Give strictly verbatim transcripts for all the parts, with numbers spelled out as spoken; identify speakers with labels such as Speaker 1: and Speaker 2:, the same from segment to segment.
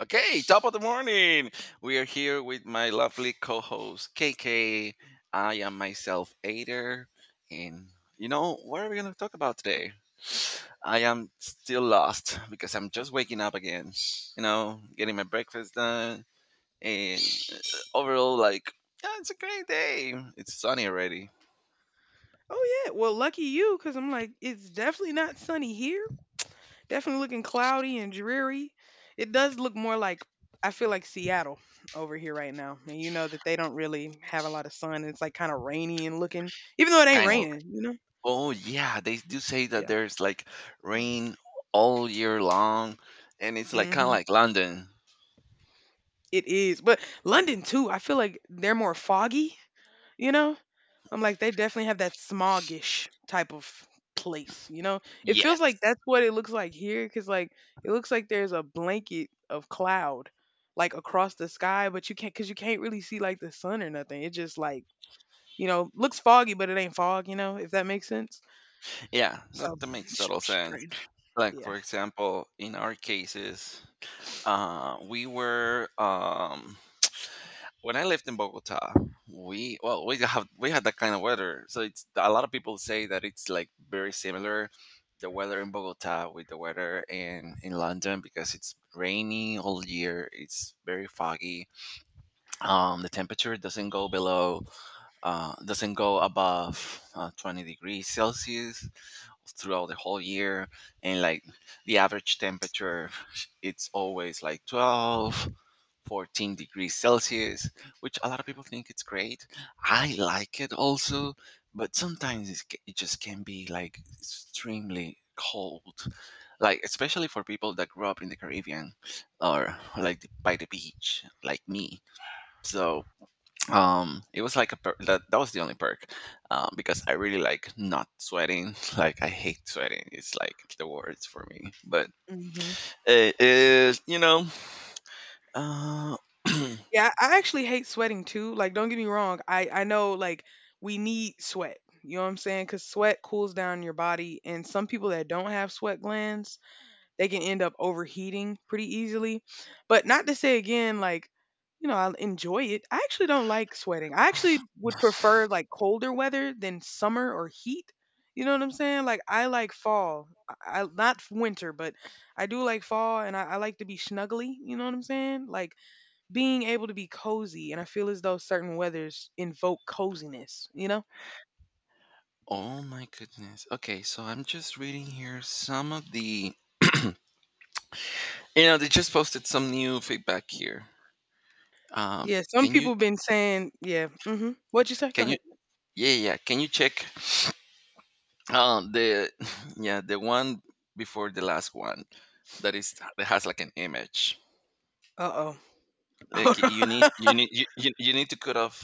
Speaker 1: Okay, top of the morning. We are here with my lovely co-host K K. I am myself Ader, and you know what are we going to talk about today? I am still lost because I'm just waking up again. You know, getting my breakfast done, and uh, overall, like, yeah, it's a great day. It's sunny already.
Speaker 2: Oh yeah, well, lucky you, because I'm like, it's definitely not sunny here. Definitely looking cloudy and dreary. It does look more like I feel like Seattle over here right now, and you know that they don't really have a lot of sun. It's like kind of rainy and looking, even though it ain't
Speaker 1: Kind of.
Speaker 2: raining. You know?
Speaker 1: Oh yeah, they do say that
Speaker 2: Yeah.
Speaker 1: there's like rain all year long, and it's like kind of
Speaker 2: Mhm.
Speaker 1: like London.
Speaker 2: It is, but London too. I feel like they're more foggy. You know, I'm like, they definitely have that smoggish type of place, you know? It feels
Speaker 1: Yes.
Speaker 2: like that's what it looks like here because, like, it looks like there's a blanket of cloud, like, across the sky, but you can't, because you can't really see, like, the sun or nothing. It just, like, you know, looks foggy, but it ain't fog, you know, if that makes sense.
Speaker 1: Yeah,
Speaker 2: So
Speaker 1: that, that makes
Speaker 2: it's
Speaker 1: total sense.
Speaker 2: strange.
Speaker 1: Like
Speaker 2: Yeah.
Speaker 1: for example, in our cases, uh, we were um, when I lived in Bogota, we well we have we had that kind of weather. So it's a lot of people say that it's like very similar the weather in Bogota with the weather in in London because it's rainy all year. It's very foggy. Um, the temperature doesn't go below uh, doesn't go above uh, twenty degrees Celsius throughout the whole year, and like the average temperature it's always like twelve, fourteen degrees celsius, which a lot of people think it's great. I like it also, but sometimes it's, it just can be like extremely cold, like especially for people that grew up in the caribbean or like by the beach like me. So um it was like a per- that, that was the only perk, um because I really like not sweating. like I hate sweating, it's like the worst for me, but
Speaker 2: Hmm.
Speaker 1: it is, you know. uh
Speaker 2: Yeah. I I actually hate sweating too. Like, don't get me wrong. I, I know, like, we need sweat. You know what I'm saying? Because sweat cools down your body. And some people that don't have sweat glands, they can end up overheating pretty easily. But not to say again, like, you know, I enjoy it. I actually don't like sweating. I actually would prefer like colder weather than summer or heat. You know what I'm saying? Like I like fall. I, I not winter, but I do like fall, and I, I like to be snuggly. You know what I'm saying? Like being able to be cozy, and I feel as though certain weathers invoke coziness. You know?
Speaker 1: oh my goodness. Okay, so I'm just reading here some of the, you know, they just posted some new feedback here. um
Speaker 2: Yeah. Some
Speaker 1: can you
Speaker 2: people been saying, yeah. Hmm. What'd you say? Go
Speaker 1: can you
Speaker 2: ahead.
Speaker 1: yeah, yeah, yeah. Can you check um the yeah, the one before the last one, that is that has like an image?
Speaker 2: Uh oh.
Speaker 1: Like,
Speaker 2: Hold on.
Speaker 1: you need you need you, you you need to cut off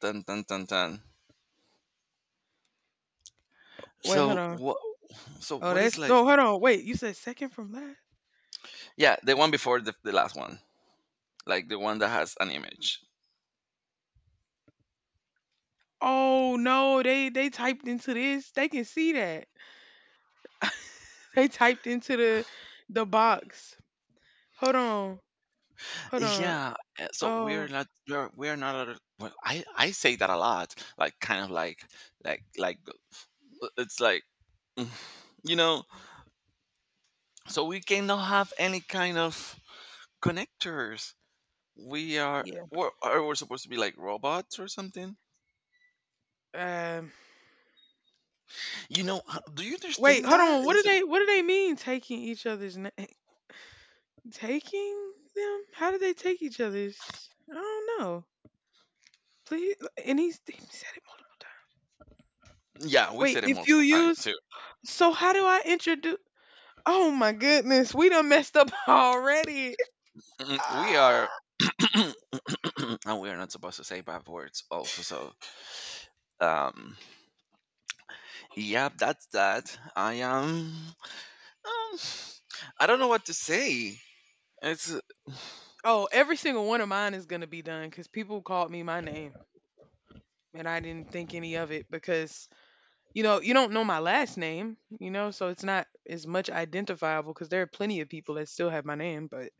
Speaker 1: tan tan tan tan.
Speaker 2: Wait. Hold
Speaker 1: So
Speaker 2: on.
Speaker 1: what so
Speaker 2: Oh,
Speaker 1: what
Speaker 2: that's
Speaker 1: is like,
Speaker 2: no. Hold on, wait. You said second from last.
Speaker 1: yeah, the one before the, the last one, like the one that has an image?
Speaker 2: Oh no, they they typed into this. They can see that. They typed into the the box. Hold on, hold on.
Speaker 1: Yeah. Uh, so
Speaker 2: Oh
Speaker 1: we're not we're, we're not a- well, I I say that a lot, like, kind of like like like uh, it's like mm, you know, so we cannot have any kind of connectors. We are
Speaker 2: yeah.
Speaker 1: we're, are we supposed to be like robots or something,
Speaker 2: Um,
Speaker 1: you know? Uh, do you
Speaker 2: wait.
Speaker 1: understand
Speaker 2: Hold
Speaker 1: that?
Speaker 2: on. What do they What do they mean taking each other's name? Taking them? How do they take each other's? I don't know. Please. And he's he said it multiple times.
Speaker 1: Yeah, we
Speaker 2: Wait.
Speaker 1: said it
Speaker 2: If you
Speaker 1: multiple times
Speaker 2: use.
Speaker 1: too.
Speaker 2: So how do I introduce? Oh my goodness. We done messed up already.
Speaker 1: Mhm. We are, and we are not supposed to say bad words, also. So, um, yeah, that's that. I am. Um, I don't know what to say. It's.
Speaker 2: Oh, every single one of mine is gonna be done because people called me my name and I didn't think any of it because you know you don't know my last name, you know, so it's not as much identifiable because there are plenty of people that still have my name, but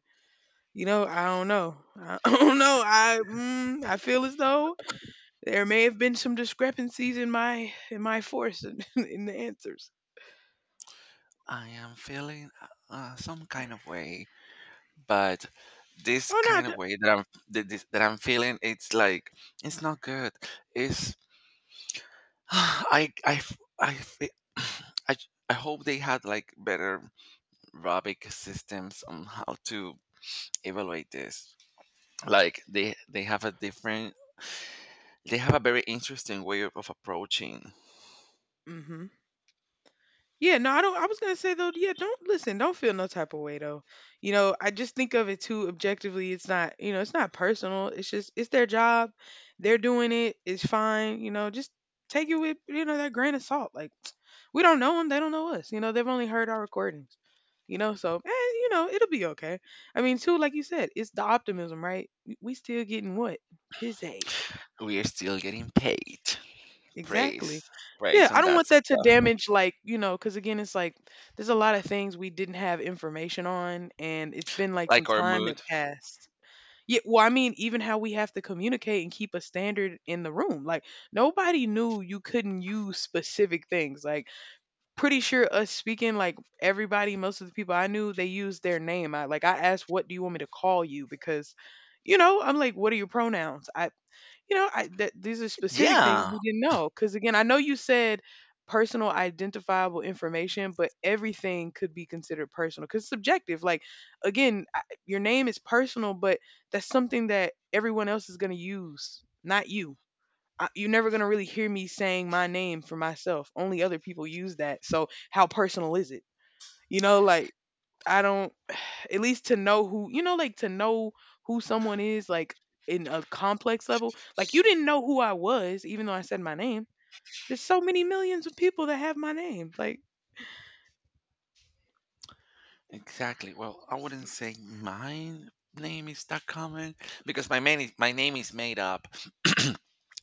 Speaker 2: you know I don't know, I don't know. I mm, I feel as though there may have been some discrepancies in my in my force in, in the answers.
Speaker 1: I am feeling uh, some kind of way, but this
Speaker 2: Oh
Speaker 1: kind of way that I'm that, this, that I'm feeling, it's like it's not good. It's. I I f- I fe- I. I hope they had like better Robic systems on how to evaluate this. Like they they have a different, they have a very interesting way of of approaching.
Speaker 2: no. Mm-hmm. Yeah, no, I don't. I was gonna say though, yeah, don't listen, don't feel no type of way though. You know, I just think of it too objectively. It's not, you know, it's not personal. It's just, it's their job. They're doing it. It's fine. You know, just take it with, you know, that grain of salt. Like, we don't know them. They don't know us. You know, they've only heard our recordings. You know, so, eh, you know, it'll be okay. I mean, too, like you said, it's the optimism, right? We we still getting what? Pizzade.
Speaker 1: We are still getting paid.
Speaker 2: Exactly.
Speaker 1: Praise.
Speaker 2: Yeah,
Speaker 1: Praise,
Speaker 2: I
Speaker 1: and
Speaker 2: don't want
Speaker 1: that's it.
Speaker 2: that to
Speaker 1: uh,
Speaker 2: damage like, you know, because again it's like there's a lot of things we didn't have information on and it's been like some
Speaker 1: Like our
Speaker 2: time that
Speaker 1: mood.
Speaker 2: passed. Yeah, well, I mean, even how we have to communicate and keep a standard in the room. Like nobody knew you couldn't use specific things. Like pretty sure us speaking like everybody, most of the people I knew, they used their name. I like I asked, "What do you want me to call you?" because you know, I'm like, "What are your pronouns?" I you know, I that these are specific things
Speaker 1: Yeah.
Speaker 2: we didn't know. Because again, I know you said personal identifiable information, but everything could be considered personal because it's subjective. Like again, I, your name is personal, but that's something that everyone else is going to use, not you. I, you're never going to really hear me saying my name for myself. Only other people use that. So how personal is it? You know, like I don't at least to know who you know like to know who someone is like in a complex level like you didn't know who I was even though I said my name. There's so many millions of people that have my name, like
Speaker 1: Exactly. Well, I wouldn't say my name is that common because my main is, my name is made up.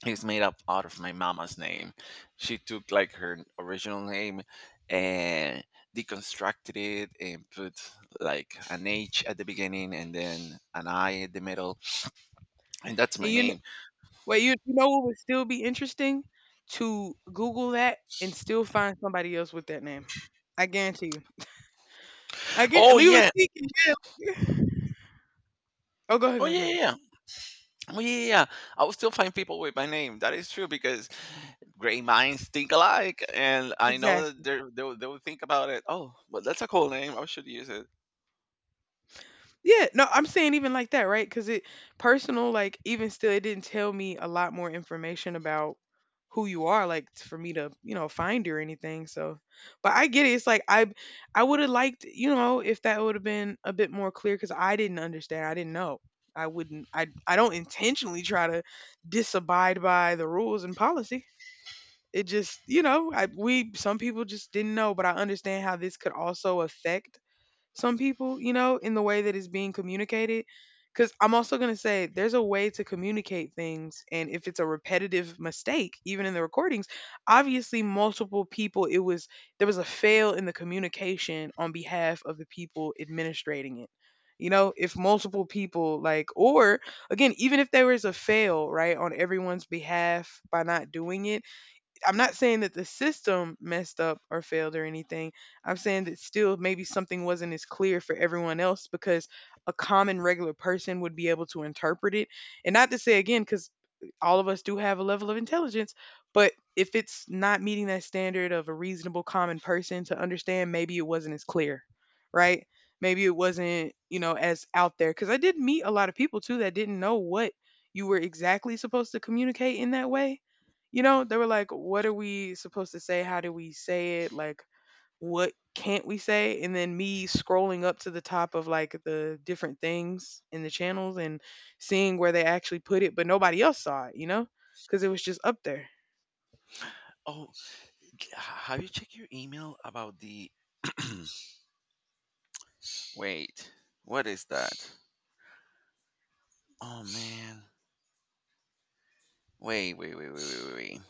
Speaker 1: it's made up out of my mama's name. She took like her original name and deconstructed it and put like an H at the beginning and then an I at the middle, and that's
Speaker 2: and
Speaker 1: my
Speaker 2: you know
Speaker 1: name.
Speaker 2: well you, you know it would still be interesting to google that and still find somebody else with that name. I guarantee you, I guarantee,
Speaker 1: Oh
Speaker 2: leave it
Speaker 1: yeah,
Speaker 2: thinking. Yeah. Oh, go ahead, go
Speaker 1: oh
Speaker 2: ahead, no,
Speaker 1: yeah,
Speaker 2: no, no.
Speaker 1: yeah, yeah. Oh yeah, yeah, yeah. I will still find people with my name. That is true because great minds think alike, and I know that
Speaker 2: Exactly.
Speaker 1: they're- they'll they'll think about it. Oh, but that's a cool name. I should use it.
Speaker 2: Yeah, no, I'm saying even like that, right? Because it personal, like even still, it didn't tell me a lot more information about who you are, like t- for me to, you know, find you or anything. So, but I get it. It's like I, I would have liked, you know, if that would have been a bit more clear because I didn't understand. I didn't know. I wouldn't. I I don't intentionally try to disabide by the rules and policy. It just, you know, I we some people just didn't know, but I understand how this could also affect some people, you know, in the way that it's being communicated. Because I'm also going to say there's a way to communicate things. And if it's a repetitive mistake, even in the recordings, obviously multiple people, it was, there was a fail in the communication on behalf of the people administrating it. You know, if multiple people, like, or again, even if there was a fail, right, on everyone's behalf by not doing it, I'm not saying that the system messed up or failed or anything. I'm saying that still maybe something wasn't as clear for everyone else because a common regular person would be able to interpret it. And not to say again, because all of us do have a level of intelligence, but if it's not meeting that standard of a reasonable common person to understand, maybe it wasn't as clear, right? Maybe it wasn't, you know, as out there. Because I did meet a lot of people too that didn't know what you were exactly supposed to communicate in that way, you know, they were like, what are we supposed to say? How do we say it? Like, what can't we say? And then me scrolling up to the top of like the different things in the channels and seeing where they actually put it, but nobody else saw it, you know, because it was just up there.
Speaker 1: Oh, have you checked your email about the wait? What is that? Oh man. Wait, wait, wait, wait, wait, wait, wait.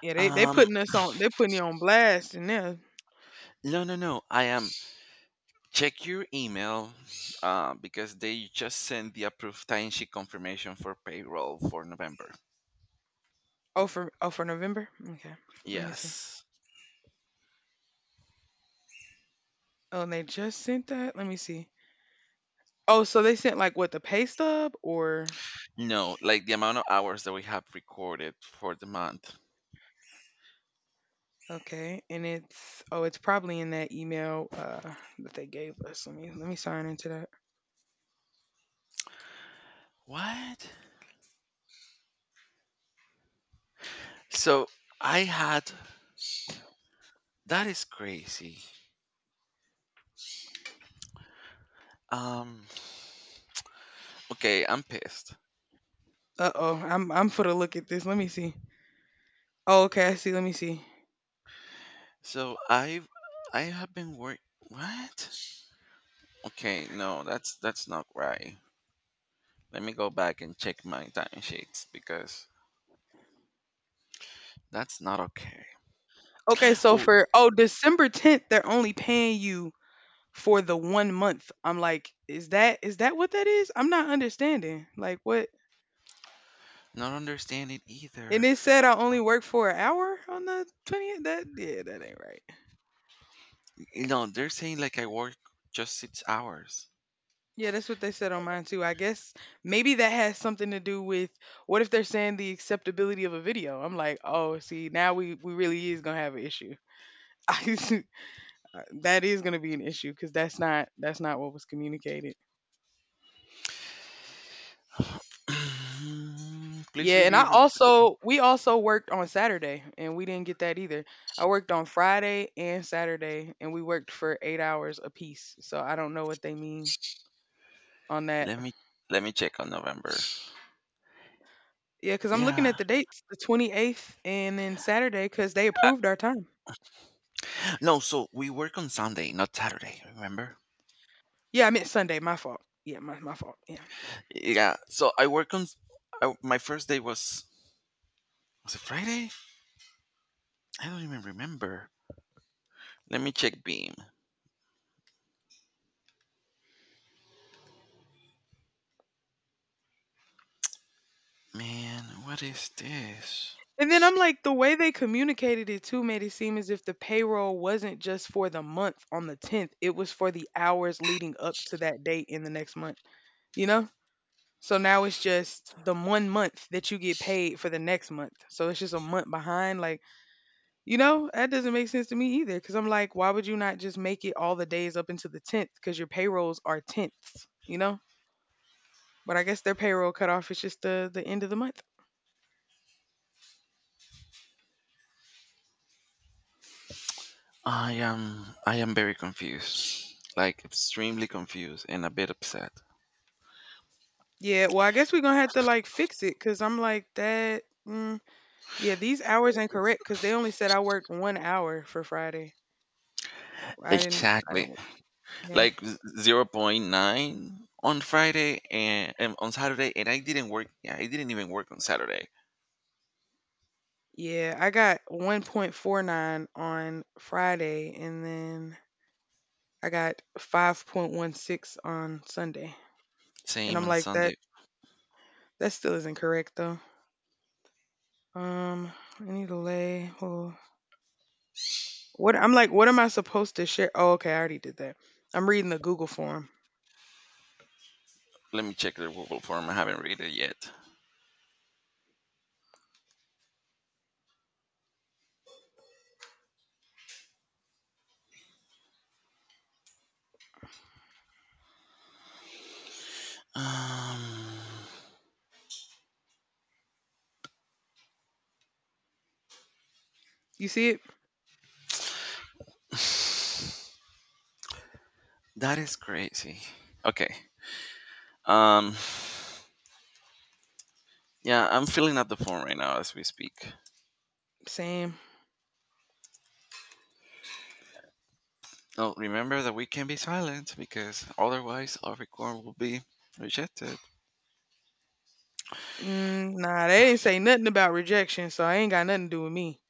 Speaker 2: Yeah, they they
Speaker 1: Um,
Speaker 2: putting us on, they putting you on blast, and yeah.
Speaker 1: no, no, no. I am check your email, uh, because they just sent the approved timesheet confirmation for payroll for November.
Speaker 2: Oh for oh for November. Okay, let me see.
Speaker 1: Yes.
Speaker 2: Oh, and they just sent that. Let me see. Oh, so they sent like what the pay stub or?
Speaker 1: No, like the amount of hours that we have recorded for the month.
Speaker 2: Okay, and it's oh, it's probably in that email uh that they gave us. Let me let me sign into that.
Speaker 1: What? So I had That is crazy. Um, okay, I'm pissed.
Speaker 2: Uh oh, I'm I'm for to look at this. Let me see. Oh, okay, I see. Let me see.
Speaker 1: So I've I have been work. What? Okay, no, that's that's not right. Let me go back and check my timesheets because that's not okay.
Speaker 2: Okay, so
Speaker 1: Oh,
Speaker 2: for oh December tenth, they're only paying you for the one month. I'm like, is that is that what that is? I'm not understanding. Like what?
Speaker 1: not understand it
Speaker 2: And
Speaker 1: either.
Speaker 2: it said I only work for an hour on the twentieth. That yeah, that ain't right.
Speaker 1: No, they're saying like I work just six hours.
Speaker 2: Yeah, that's what they said on mine too. I guess maybe that has something to do with what if they're saying the acceptability of a video? I'm like, oh, see, now we we really is gonna have an issue. I- that is gonna be an issue because that's not that's not what was communicated.
Speaker 1: Please
Speaker 2: Yeah, and I
Speaker 1: review.
Speaker 2: also we also worked on Saturday and we didn't get that either. I worked on Friday and Saturday and we worked for eight hours apiece. So I don't know what they mean on that.
Speaker 1: Let me let me check on November.
Speaker 2: Yeah, because I'm looking at
Speaker 1: Yeah.
Speaker 2: the dates, the twenty-eighth and then Saturday because they
Speaker 1: Uh,
Speaker 2: approved our time.
Speaker 1: No, so we work on Sunday, not Saturday. Remember?
Speaker 2: Yeah, I meant Sunday, my fault. Yeah, my my fault. Yeah.
Speaker 1: Yeah. So I work on. I, my first day was was it Friday? I don't even remember. Let me check Beam. Man, what is this?
Speaker 2: And then I'm like, the way they communicated it too made it seem as if the payroll wasn't just for the month on the tenth, it was for the hours leading up to that date in the next month, you know? So now it's just the one month that you get paid for the next month. So it's just a month behind. Like, you know, that doesn't make sense to me either. Cause I'm like, why would you not just make it all the days up into the tenth? Cause your payrolls are tenths, you know? But I guess their payroll cutoff is just the, the end of the month.
Speaker 1: I am I am very confused. Like extremely confused and a bit upset.
Speaker 2: Yeah, well, I guess we're gonna have to like fix it because I'm like that. Mm, yeah, these hours incorrect because they only said I worked one hour for Friday. I didn't. I didn't
Speaker 1: Exactly.
Speaker 2: work. Yeah,
Speaker 1: Like zero point zero point nine on Friday and, and on Saturday, and I didn't work. Yeah, I didn't even work on Saturday.
Speaker 2: yeah. I got one point four nine on Friday, and then I got five point one six on Sunday. And
Speaker 1: Same
Speaker 2: I'm
Speaker 1: on
Speaker 2: like that.
Speaker 1: Sunday.
Speaker 2: That still isn't correct though. Um, I need to lay. Oh, what? I'm like, what am I supposed to share? Oh, okay, I already did that. I'm reading the Google form.
Speaker 1: Let me check the Google form. I haven't read it yet. Um
Speaker 2: You see it?
Speaker 1: that is crazy. Okay. Um yeah, I'm filling out the form right now as we speak.
Speaker 2: Same.
Speaker 1: Oh, remember that we can be silent because otherwise our record will be rejected.
Speaker 2: Mm, nah, they didn't say nothing about rejection, so I ain't got nothing to do with me.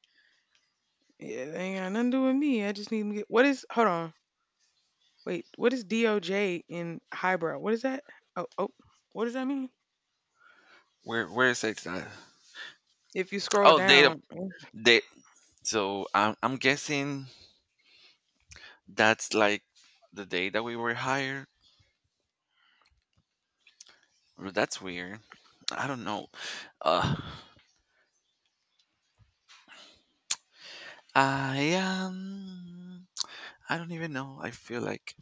Speaker 2: Yeah, it ain't got nothing to do with me. I just need to get what is hold on. Wait, what is D O J in highbrow? What is that? Oh oh what does that mean?
Speaker 1: Where where is it? Uh,
Speaker 2: If you scroll
Speaker 1: oh, Date of
Speaker 2: down,
Speaker 1: date. So I'm I'm guessing that's like the day that we were hired. Well, that's weird. I don't know. Uh, I am. I don't even know. I feel like,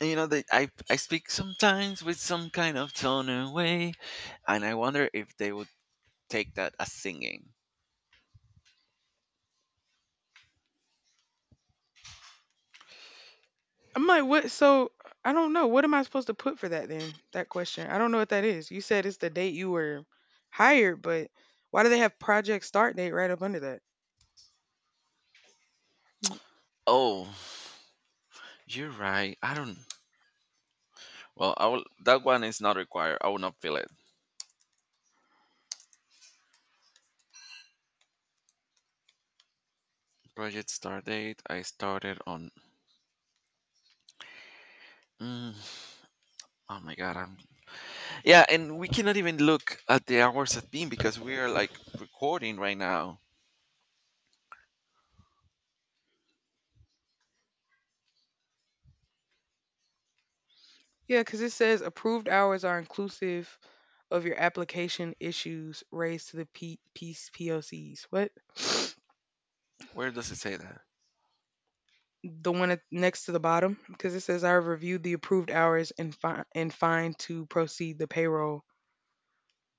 Speaker 1: you know, that I I speak sometimes with some kind of tone and way, and I wonder if they would take that as singing.
Speaker 2: I'm like, what so I don't know. What am I supposed to put for that then? That question. I don't know what that is. You said it's the date you were hired, but why do they have project start date right up under that? Hmm.
Speaker 1: Oh, you're right. I don't. Well, I will, that one is not required. I will not feel it. Project start date. I started on Mm, oh my god, I'm yeah, and we cannot even look at the hours at been because we are like recording right now.
Speaker 2: Yeah, because it says approved hours are inclusive of your application issues raised to the P- P's- P O Cs. What?
Speaker 1: Where does it say that?
Speaker 2: The one at, next to the bottom? Because it says I reviewed the approved hours and fi- and find to proceed the payroll.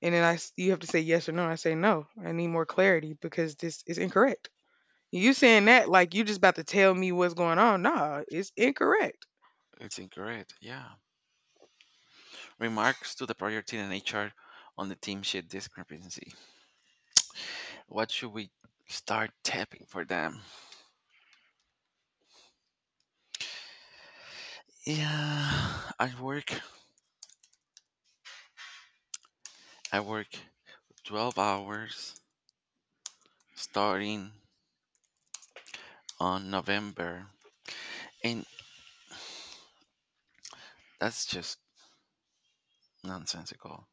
Speaker 2: And then I, s- you have to say yes or no. I say no. I need more clarity because this is incorrect. You saying that like you just about to tell me what's going on? Nah, it's incorrect.
Speaker 1: It's incorrect. Yeah. Remarks to the prior team and H R on the team sheet discrepancy. What should we start tapping for them? Yeah, I work. I work twelve hours starting on November, and that's just nonsensical.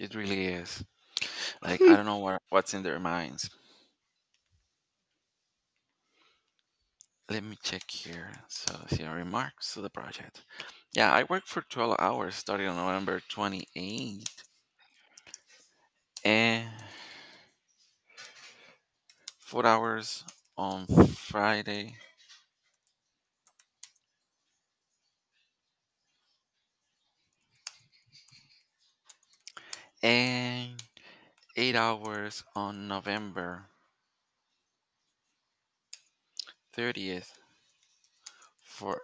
Speaker 1: It really is. Like I don't know what what's in their minds. Let me check here. So, see our remarks to the project. Yeah, I worked for twelve hours starting on November twenty-eighth and four hours on Friday and eight hours on November thirtieth for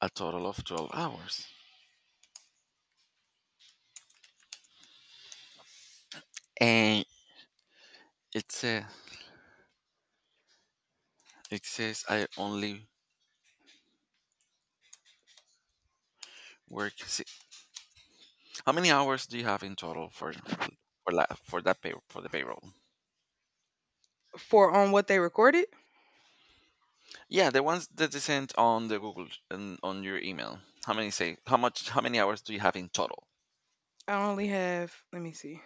Speaker 1: a total of twelve hours. And it says, it says I only work. Si How many hours do you have in total for for, la, for that pay for the payroll?
Speaker 2: For on what they recorded,
Speaker 1: Yeah, the ones that they sent on the Google and on your email. How many say? How much? How many hours do you have in total?
Speaker 2: I only have. Let me see.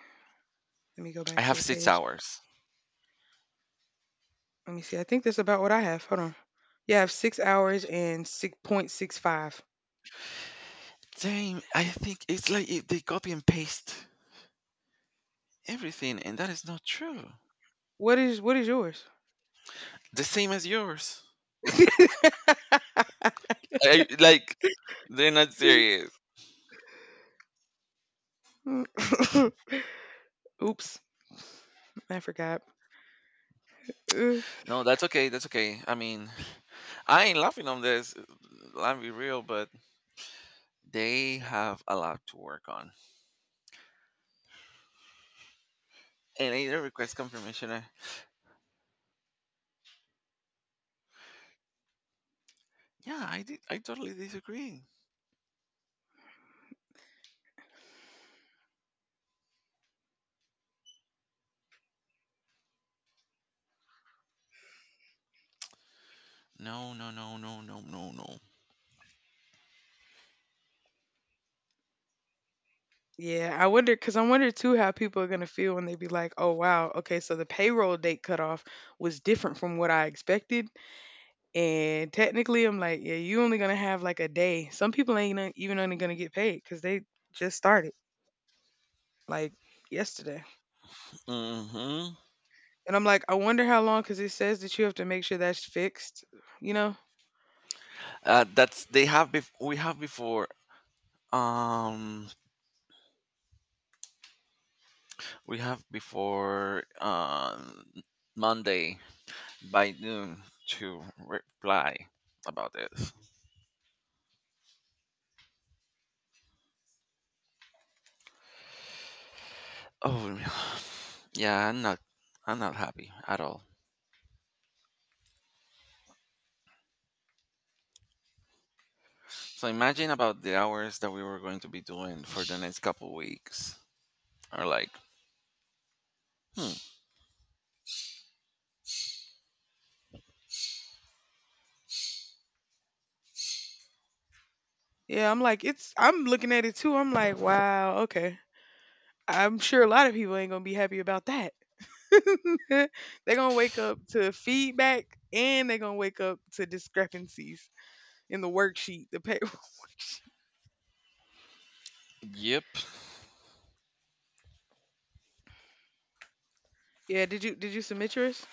Speaker 2: Let me go
Speaker 1: I
Speaker 2: back to
Speaker 1: have
Speaker 2: the
Speaker 1: six
Speaker 2: page.
Speaker 1: hours.
Speaker 2: Let me see. I think that's about what I have. Hold on. Yeah, I have six hours and six point six five.
Speaker 1: Same. I think it's like if they copy and paste everything, and that is not true.
Speaker 2: What is what is yours?
Speaker 1: The same as yours. I, like, they're not serious.
Speaker 2: Oops, I forgot. Ugh.
Speaker 1: No, that's okay. That's okay. I mean, I ain't laughing on this. I'll be real, but they have a lot to work on. And I request confirmation. I, yeah, I did. I totally disagree. No, no, no, no, no, no, no.
Speaker 2: Yeah, I wonder because I wonder too how people are gonna feel when they be like, "Oh wow, okay, so the payroll date cutoff was different from what I expected." And technically, I'm like, "Yeah, you only gonna have like a day." Some people ain't gonna- even only gonna get paid because they just started like yesterday.
Speaker 1: Hmm.
Speaker 2: And I'm like, I wonder how long, because it says that you have to make sure that's fixed, you know?
Speaker 1: Uh, that's they have bef- We have before um we have before um Monday by noon to reply about this. Oh, yeah, I'm not I'm not happy at all. So imagine about the hours that we were going to be doing for the next couple weeks. Or like, hmm,
Speaker 2: Yeah, I'm like, it's, I'm looking at it too. I'm like, wow, okay. I'm sure a lot of people ain't gonna be happy about that. They're gonna wake up to feedback and they're gonna wake up to discrepancies in the worksheet, the paper worksheet.
Speaker 1: yep.
Speaker 2: Yeah, did you did you submit yours?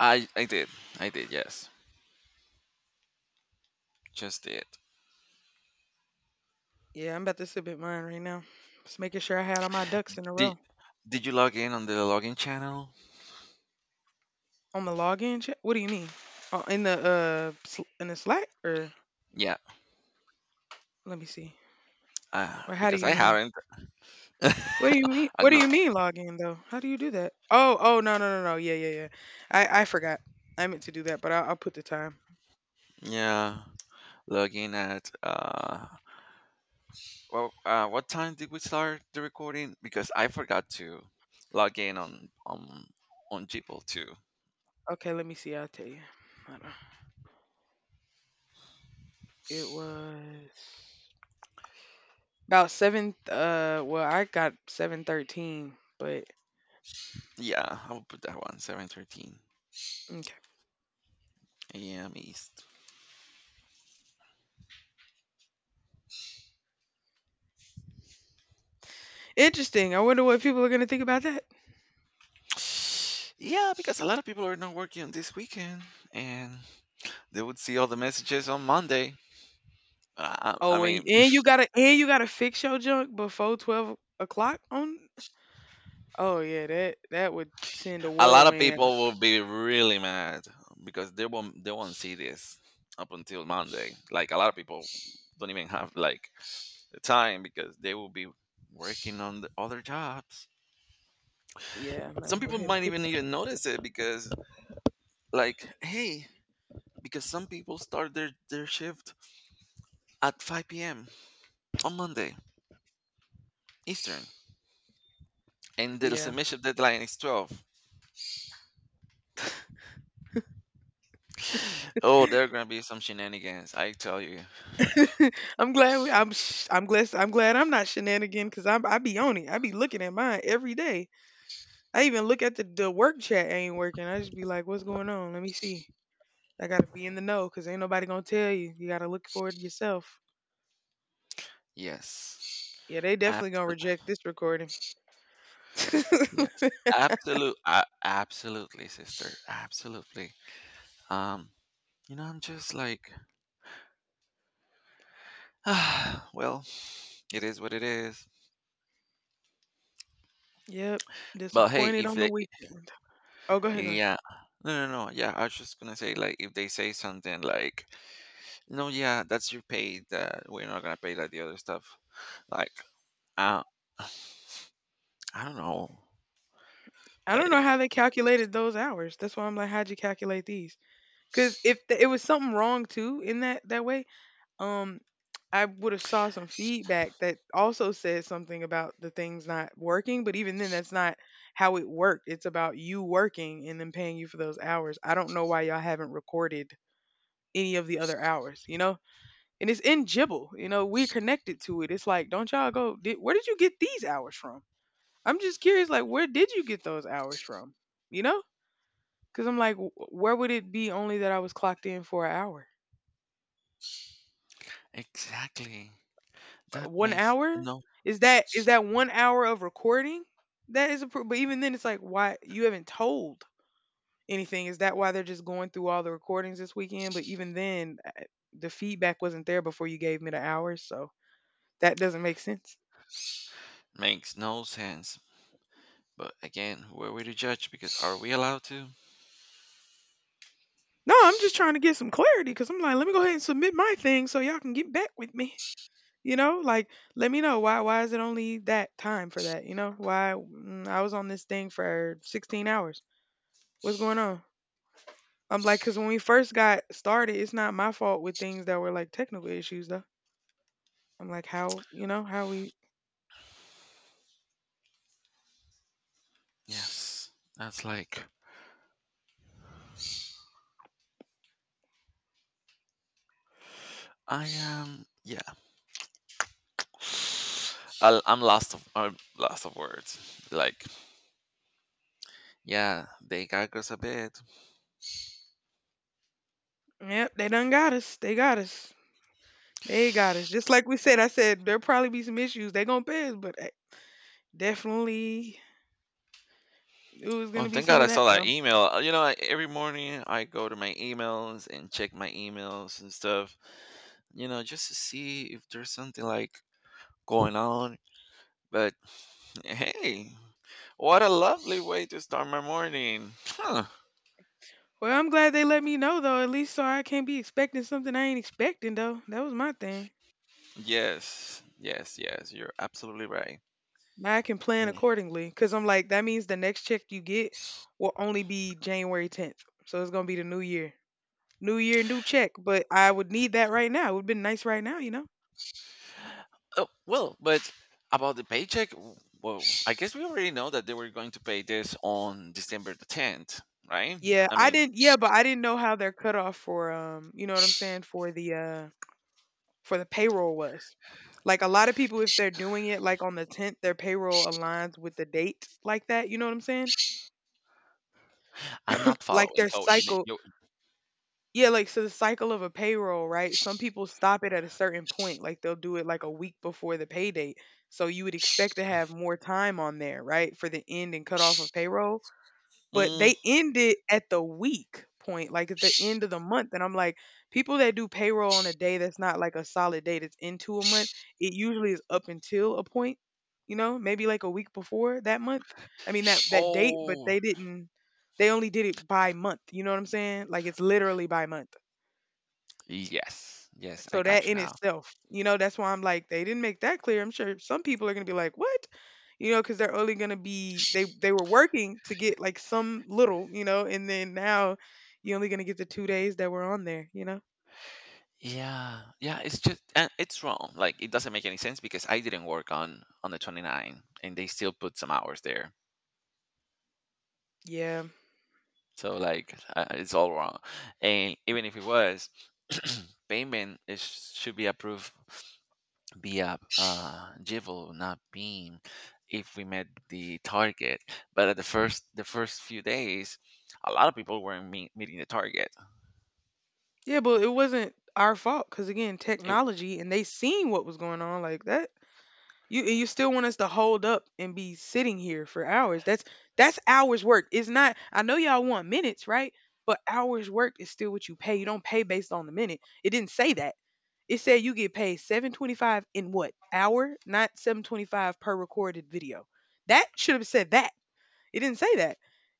Speaker 1: I I did. I did, yes. Just did.
Speaker 2: Yeah, I'm about to submit mine right now. Just making sure I had all my ducks in a
Speaker 1: Did
Speaker 2: row.
Speaker 1: did you log in on the login channel?
Speaker 2: On the login check? What do you mean? Oh, in the uh sl- in the Slack or
Speaker 1: Yeah,
Speaker 2: let me see.
Speaker 1: Uh,
Speaker 2: Or how do
Speaker 1: because
Speaker 2: you
Speaker 1: I
Speaker 2: mean?
Speaker 1: haven't.
Speaker 2: What do you mean?
Speaker 1: I'm
Speaker 2: What do
Speaker 1: gonna
Speaker 2: you mean log in though? How do you do that? Oh, oh no no no no yeah yeah yeah. I I forgot. I meant to do that, but I'll, I'll put the time.
Speaker 1: yeah. Looking at uh well uh what time did we start the recording? Because I forgot to log in on on on Gmail too.
Speaker 2: Okay, let me see. I'll tell you. Hold on. It was about seven. Uh, well, I got seven thirteen, but
Speaker 1: Yeah, I'll put that one, seven thirteen
Speaker 2: okay.
Speaker 1: A M East.
Speaker 2: Interesting. I wonder what people are gonna think about that.
Speaker 1: Yeah, because a lot of people are not working this weekend and they would see all the messages on Monday. Uh, I I
Speaker 2: Oh, and,
Speaker 1: mean
Speaker 2: and you gotta and you gotta fix your junk before twelve o'clock on. Oh yeah, that that would send a
Speaker 1: a lot of
Speaker 2: whirlwind.
Speaker 1: people will be really mad because they won't they won't see this up until Monday. Like a lot of people don't even have like the time because they will be working on the other jobs.
Speaker 2: Yeah, let
Speaker 1: Some
Speaker 2: me go
Speaker 1: people
Speaker 2: ahead and
Speaker 1: might
Speaker 2: put
Speaker 1: even
Speaker 2: that.
Speaker 1: even notice it because like hey, because some people start their their shift at five p m on Monday Eastern. And the
Speaker 2: Yeah.
Speaker 1: submission deadline is twelve. Oh, there are going to be some shenanigans. I tell you.
Speaker 2: I'm glad we, I'm sh- I'm glad I'm glad I'm not shenanigan because I I be on it. I be looking at mine every day. I even look at the the work chat ain't working. I just be like, what's going on? Let me see. I gotta be in the know because ain't nobody gonna tell you. You gotta look for it yourself.
Speaker 1: Yes.
Speaker 2: Yeah, they definitely gonna reject this recording.
Speaker 1: Yes. Absolute uh, absolutely, sister. Absolutely. Um, you know, I'm just like, well, it is what it is.
Speaker 2: Yep,
Speaker 1: But hey,
Speaker 2: disappointed
Speaker 1: if
Speaker 2: on the
Speaker 1: they
Speaker 2: weekend. Oh, go ahead, go ahead.
Speaker 1: yeah. No, no, no. Yeah, I was just gonna say like if they say something like, "No, yeah, that's your pay that we're not gonna pay like the other stuff." Like, uh, I don't know.
Speaker 2: I don't know
Speaker 1: Like
Speaker 2: how they calculated those hours. That's why I'm like, how'd you calculate these? Because if th- it was something wrong too in that that way, um I would have saw some feedback that also said something about the things not working, but even then that's not how it worked. It's about you working and then paying you for those hours. I don't know why y'all haven't recorded any of the other hours, you know? And it's in Jibble, you know, we connected to it. It's like, don't y'all go, did, where did you get these hours from? I'm just curious, like, where did you get those hours from? You know? Because I'm like, "Wh- where would it be only that I was clocked in for an hour?
Speaker 1: exactly.
Speaker 2: Uh,
Speaker 1: That
Speaker 2: one
Speaker 1: makes
Speaker 2: hour?
Speaker 1: no
Speaker 2: Is that is that one hour of recording? That is appro but even then, it's like, why you haven't told anything. Is that why they're just going through all the recordings this weekend? But even then, uh, the feedback wasn't there before you gave me the hours, so that doesn't make sense.
Speaker 1: Makes no sense. But again, who are we to judge? Because are we allowed to?
Speaker 2: No, I'm just trying to get some clarity because 'cause I'm like, "Let me go ahead and submit my thing so y'all can get back with me." You know? Like, let me know why why is it only that time for that, you know? Why mm, I was on this thing for sixteen hours. What's going on? I'm like, because when we first got started, it's not my fault with things that were like technical issues, though. I'm like, how, you know, how we,
Speaker 1: Yes, that's like I am yeah. I'll, I'm lost of I'm lost of words. Like yeah, they got us a bit.
Speaker 2: yep, they done got us. They got us. They got us. Just like we said, I said, there'll probably be some issues. They going to pay us, but I definitely it was going
Speaker 1: Oh,
Speaker 2: to be
Speaker 1: thank
Speaker 2: some
Speaker 1: God
Speaker 2: of
Speaker 1: I
Speaker 2: that,
Speaker 1: saw
Speaker 2: though.
Speaker 1: that email. Uh, You know, I, every morning I go to my emails and check my emails and stuff. You know, just to see if there's something like going on. But hey, what a lovely way to start my morning. Huh.
Speaker 2: Well, I'm glad they let me know, though, at least so I can't be expecting something I ain't expecting, though. That was my thing.
Speaker 1: Yes, yes, yes. You're absolutely right.
Speaker 2: Now I can plan accordingly, because I'm like, that means the next check you get will only be January tenth. So it's going to be the new year. New year, new check, but I would need that right now. It would have been nice right now, you know?
Speaker 1: Oh, well, but about the paycheck, w- well, I guess we already know that they were going to pay this on December the tenth, right?
Speaker 2: Yeah,
Speaker 1: I
Speaker 2: I
Speaker 1: mean,
Speaker 2: didn't yeah, but I didn't know how their cutoff for um, you know what I'm saying, for the uh for the payroll was. Like a lot of people if they're doing it like on the tenth, their payroll aligns with the date like that, you know what I'm saying?
Speaker 1: I'm not
Speaker 2: Like
Speaker 1: following.
Speaker 2: their
Speaker 1: So you need
Speaker 2: cycle
Speaker 1: you
Speaker 2: yeah, like so the cycle of a payroll, right? Some people stop it at a certain point, like they'll do it like a week before the pay date. So you would expect to have more time on there, right? For the end and cutoff of payroll. But
Speaker 1: mm,
Speaker 2: they end it at the week point, like at the end of the month, and I'm like, people that do payroll on a day that's not like a solid date, that's into a month, it usually is up until a point, you know, maybe like a week before that month. I mean that that date, but
Speaker 1: oh,
Speaker 2: they didn't. They only did it by month. You know what I'm saying? Like it's literally by month.
Speaker 1: yes. Yes, I
Speaker 2: So that
Speaker 1: got you
Speaker 2: in
Speaker 1: now.
Speaker 2: itself, you know, that's why I'm like, they didn't make that clear. I'm sure some people are gonna be like, what? You know, because they're only gonna be they they were working to get like some little, you know, and then now you're only gonna get the two days that were on there, you know?
Speaker 1: Yeah. Yeah, it's just and it's wrong. Like it doesn't make any sense because I didn't work on on the 29 and they still put some hours there.
Speaker 2: Yeah.
Speaker 1: So like uh, it's all wrong. And even if it was payment is should be approved be a uh, Jibble, not Beam, if we met the target. But at the first the first few days, a lot of people weren't meet, meeting the target.
Speaker 2: Yeah, but it wasn't our fault because again,
Speaker 1: It,
Speaker 2: technology and they seen what was going on like that. You and you still want us to hold up and be sitting here for hours. That's that's hours work. It's not I know y'all want minutes, right? But hours work is still what you pay. You don't pay based on the minute. It didn't say that. It said you get paid seven twenty-five in what? Hour, not seven twenty-five per recorded video. That should have said that. It didn't say that.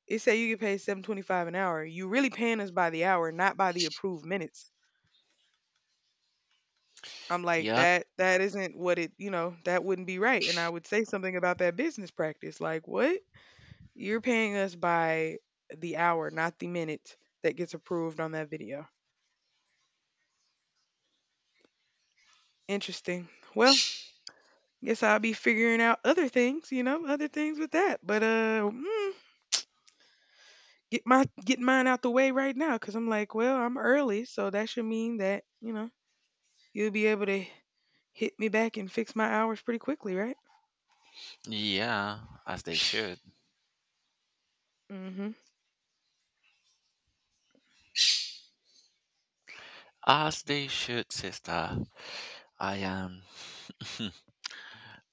Speaker 2: It said you get paid seven twenty-five an hour. You really paying us by the hour, not by the approved minutes. I'm like
Speaker 1: yep,
Speaker 2: that that isn't what it, you know, that wouldn't be right. And I would say something about that business practice. Like, what? You're paying us by the hour, not the minute that gets approved on that video. Interesting. Well, guess I'll be figuring out other things, you know, other things with that. But uh mm, get my get mine out the way right now cuz I'm like, well, I'm early, so that should mean that, you know, you'll be able to hit me back and fix my hours pretty quickly, right?
Speaker 1: yeah, as they should,
Speaker 2: Mhm.
Speaker 1: as they should, sister. I am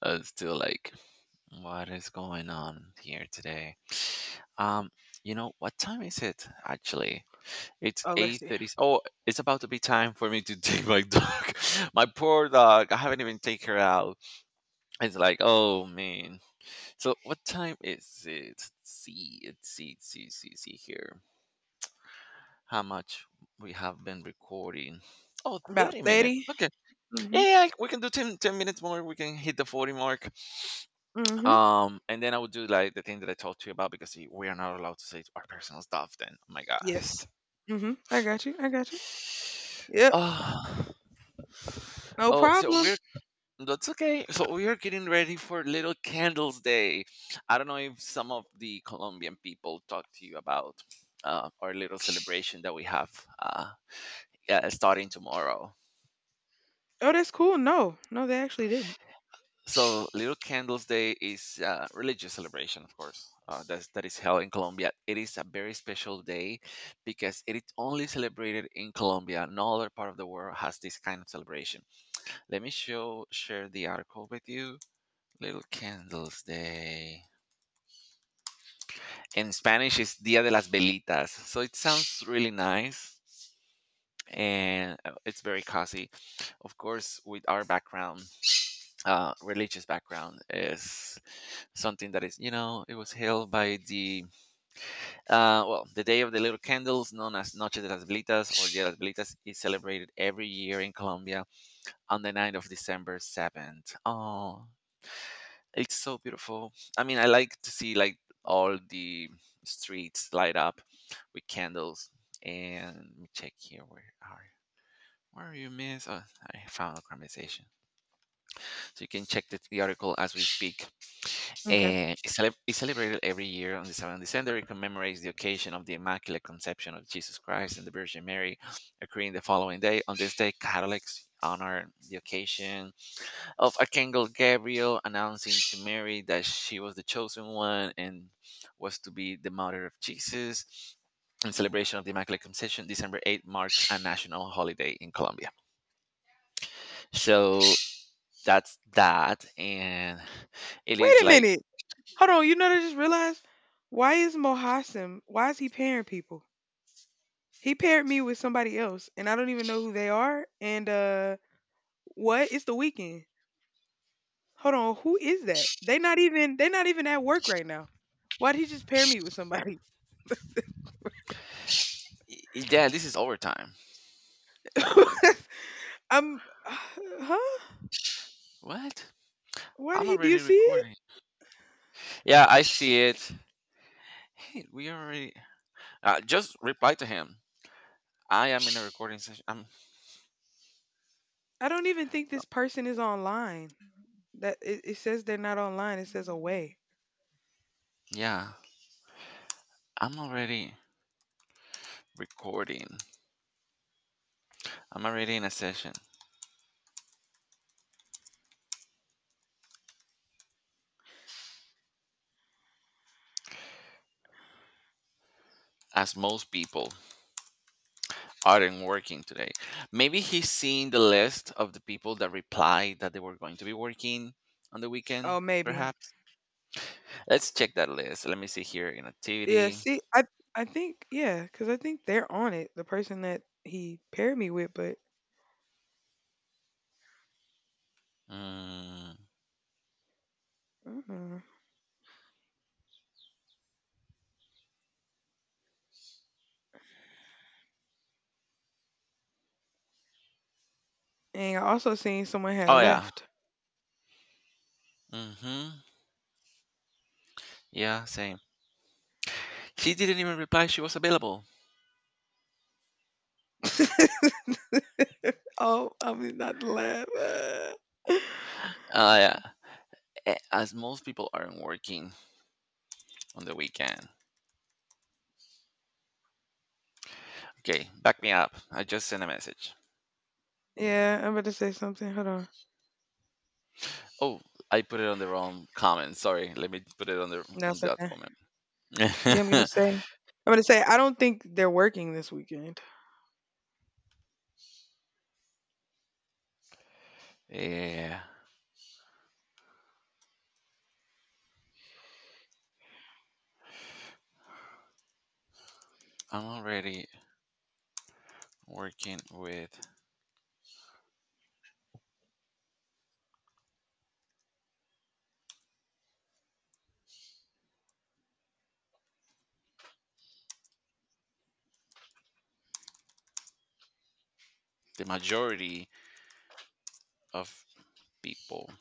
Speaker 1: uh, still like, what is going on here today? Um, you know what time is it actually? It's
Speaker 2: Oh, let's
Speaker 1: eight
Speaker 2: see.
Speaker 1: thirty. Oh, it's about to be time for me to take my dog. My poor dog. I haven't even taken her out. It's like, oh man. So what time is it? Let's see, let's see, let's see, see, see here. How much we have been recording? Oh,
Speaker 2: About
Speaker 1: thirty minutes.
Speaker 2: thirty.
Speaker 1: Okay. Yeah,
Speaker 2: Mhm.
Speaker 1: yeah, yeah, we can do ten, ten minutes more. We can hit the forty mark.
Speaker 2: Mhm.
Speaker 1: Um, and then I would do like the thing that I talked to you about because we are not allowed to say our personal stuff then. Oh my god.
Speaker 2: Yes. Hmm, I got you. I got you. Yep.
Speaker 1: Oh,
Speaker 2: No
Speaker 1: oh so
Speaker 2: problem.
Speaker 1: we're That's okay. So we are getting ready for Little Candles Day. I don't know if some of the Colombian people talk to you about uh, our little celebration that we have, uh, yeah, starting tomorrow.
Speaker 2: Oh, that's cool. No, no, they actually didn't.
Speaker 1: So Little Candles Day is a religious celebration, of course, uh, that's, that is held in Colombia. It is a very special day because it is only celebrated in Colombia. No other part of the world has this kind of celebration. Let me show share the article with you. Little Candles Day. In Spanish it's Dia de las Velitas. So it sounds really nice and uh, it's very cozy. Of course, with our background, uh, religious background is something that is, you know, it was held by the, uh, well, the Day of the Little Candles, known as Noche de las Velitas or Dia de las Velitas, is celebrated every year in Colombia on the night of December seventh. Oh, it's so beautiful. I mean, I like to see like all the streets light up with candles. And let me check here. Where are you? Where are you, Miss? Oh, I found a conversation. So you can check the, the article as we speak.
Speaker 2: Okay.
Speaker 1: And it's, cele- it's celebrated every year on the seventh of December. It commemorates the occasion of the Immaculate Conception of Jesus Christ and the Virgin Mary, occurring the following day. On this day, Catholics honor the occasion of Archangel Gabriel announcing to Mary that she was the chosen one and was to be the mother of Jesus. In celebration of the Immaculate Conception, December eighth marks a national holiday in Colombia. So that's that. And it
Speaker 2: Wait
Speaker 1: is
Speaker 2: a
Speaker 1: like,
Speaker 2: minute. Hold on. You know, what I just realized why is Mohassim? Why is he pairing people? He paired me with somebody else, and I don't even know who they are. And uh, what? It's the weekend. Hold on. Who is that? They not even. They not even at work right now. Why did he just pair me with somebody?
Speaker 1: y- yeah, this is overtime.
Speaker 2: I'm. Huh?
Speaker 1: What?
Speaker 2: Why did
Speaker 1: I'm
Speaker 2: he? Do you
Speaker 1: already
Speaker 2: see it?
Speaker 1: recording. Yeah, I see it. Hey, we already. Uh, just reply to him. I am in a recording session. I'm,
Speaker 2: I don't even think this person is online. That it, it says they're not online. It says away.
Speaker 1: yeah, I'm already recording. I'm already in a session, as most people aren't working today. Maybe he's seeing the list of the people that replied that they were going to be working on the weekend,
Speaker 2: Oh, maybe.
Speaker 1: perhaps. Let's check that list. Let me see here in
Speaker 2: Yeah.
Speaker 1: activity.
Speaker 2: See, I I think yeah, because I think they're on it. The person that he paired me with, but
Speaker 1: Mm.
Speaker 2: mm and I also seen someone had
Speaker 1: Oh, yeah.
Speaker 2: left.
Speaker 1: Hmm. Yeah, same. She didn't even reply she was available.
Speaker 2: Oh, I am not to laugh. uh.
Speaker 1: Uh, yeah. a- As most people aren't working on the weekend. Okay, back me up. I just sent a message.
Speaker 2: Yeah, I'm about to say something. Hold on.
Speaker 1: Oh, I put it on the wrong comment. Sorry, let me put it on the on
Speaker 2: That's
Speaker 1: that
Speaker 2: okay. Yeah, I'm gonna
Speaker 1: comment.
Speaker 2: say. I'm gonna say I don't think they're working this weekend.
Speaker 1: Yeah, I'm already working with the majority of people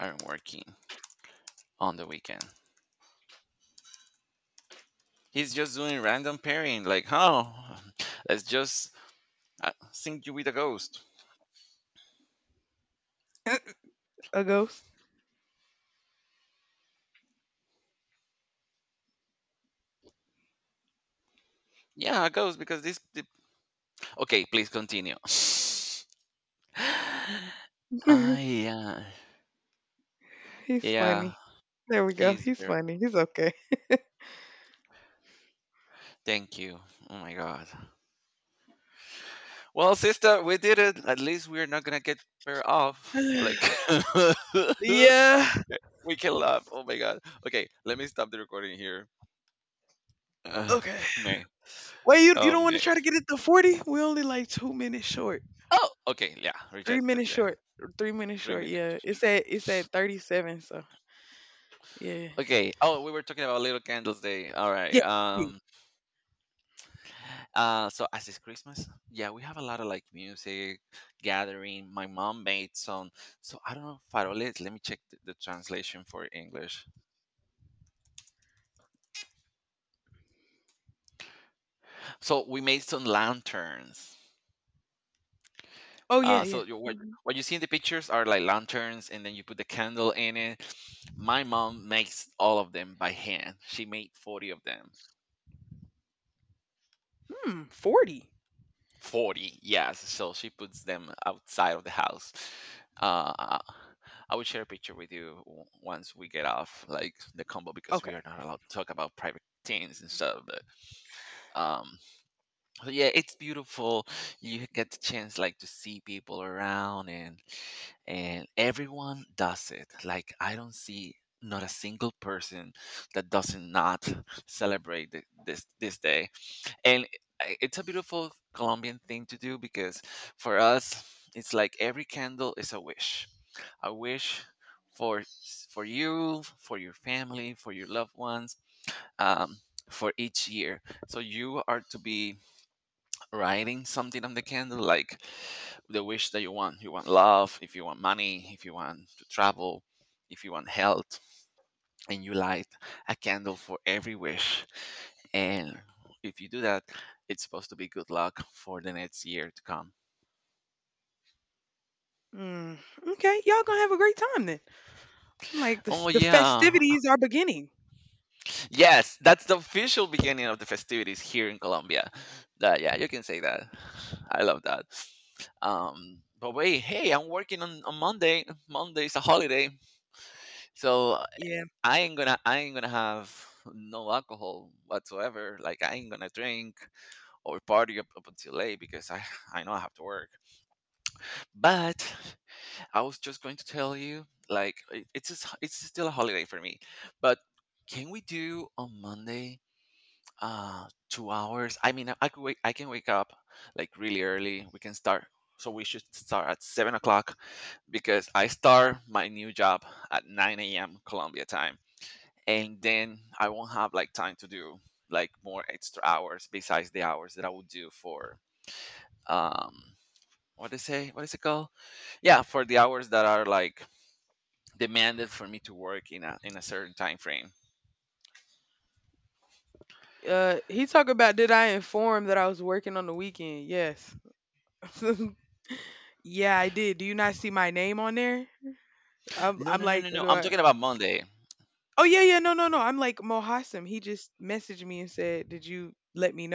Speaker 1: are working on the weekend. He's just doing random pairing, like, oh, let's just uh, sync you with a ghost.
Speaker 2: A ghost.
Speaker 1: Yeah, a ghost because this. The... Okay, please continue. Ah, yeah,
Speaker 2: He's
Speaker 1: yeah,
Speaker 2: funny. There we go.
Speaker 1: he's
Speaker 2: He's
Speaker 1: there.
Speaker 2: funny. He's okay.
Speaker 1: Thank you. Oh my god. Well, sister, we did it. At least we're not gonna get pair off. Like,
Speaker 2: Yeah.
Speaker 1: okay, we can laugh. Oh my god. Okay, let me stop the recording here. Uh,
Speaker 2: Okay.
Speaker 1: me.
Speaker 2: Wait, you you
Speaker 1: Oh
Speaker 2: don't want
Speaker 1: me.
Speaker 2: to try to get it to forty? We only like two minutes short,
Speaker 1: Oh, okay. Yeah,
Speaker 2: three
Speaker 1: rejected
Speaker 2: minutes
Speaker 1: then.
Speaker 2: short, three minutes
Speaker 1: Three
Speaker 2: short.
Speaker 1: minutes.
Speaker 2: Yeah, it's at it's at thirty seven. So yeah,
Speaker 1: Okay. Oh, we were talking about Little Candles Day. All right.
Speaker 2: yeah. Please.
Speaker 1: Um. Uh. So as it's Christmas, yeah, we have a lot of like music gathering. My mom made some. So I don't know faroles. Let me check the, the translation for English. So we made some lanterns.
Speaker 2: Oh yeah,
Speaker 1: Uh,
Speaker 2: yeah.
Speaker 1: so you what
Speaker 2: Mm-hmm.
Speaker 1: what you see in the pictures are like lanterns, and then you put the candle in it. My mom makes all of them by hand. She made forty of them.
Speaker 2: Mm, forty.
Speaker 1: Forty, yes. So she puts them outside of the house. Uh, I I will share a picture with you w- once we get off like the combo because
Speaker 2: Okay.
Speaker 1: we are not allowed to talk about private things and stuff. But um, but yeah, it's beautiful. You get the chance like to see people around and and everyone does it. Like I don't see not a single person that doesn't not celebrate thi- this this day. And i- it's a beautiful Colombian thing to do because for us it's like every candle is a wish. A wish for s- for you, for your family, for your loved ones, um, for each year. So you are to be writing something on the candle like the wish that you want, you want love, if you want money, if you want to travel, if you want health, and you light a candle for every wish. And if you do that, it's supposed to be good luck for the next year to come.
Speaker 2: Mm, okay. Y'all gonna have a great time then. I'm like the s-
Speaker 1: Oh
Speaker 2: the
Speaker 1: yeah,
Speaker 2: festivities are beginning.
Speaker 1: yes, that's the official beginning of the festivities here in Colombia. That, yeah, you can say that. I love that. um but wait, hey, I'm working on, on Monday. Monday's a holiday, so
Speaker 2: Yeah.
Speaker 1: I ain't gonna I ain't gonna have no alcohol whatsoever. Like I ain't gonna drink or party up, up until late because I I know I have to work. But I was just going to tell you like it, it's just, it's still a holiday for me. But can we do on Monday? Uh, two hours. I mean, I could wake. I can wake up like really early. We can start. So we should start at seven o'clock because I start my new job at nine a m. Colombia time and then I won't have like time to do like more extra hours besides the hours that I would do for um what is it, what is it called? Yeah, for the hours that are like demanded for me to work in a in a certain time frame.
Speaker 2: Uh, he talked about did I inform that I was working on the weekend? Yes. Yeah, I did. Do you not see my name on there? I'm
Speaker 1: No,
Speaker 2: I'm
Speaker 1: no, no,
Speaker 2: like,
Speaker 1: no, no.
Speaker 2: do
Speaker 1: I'm
Speaker 2: I?
Speaker 1: talking about Monday.
Speaker 2: Oh yeah, yeah, no, no, no. I'm like Mohassim. He just messaged me and said, "Did you let me know?"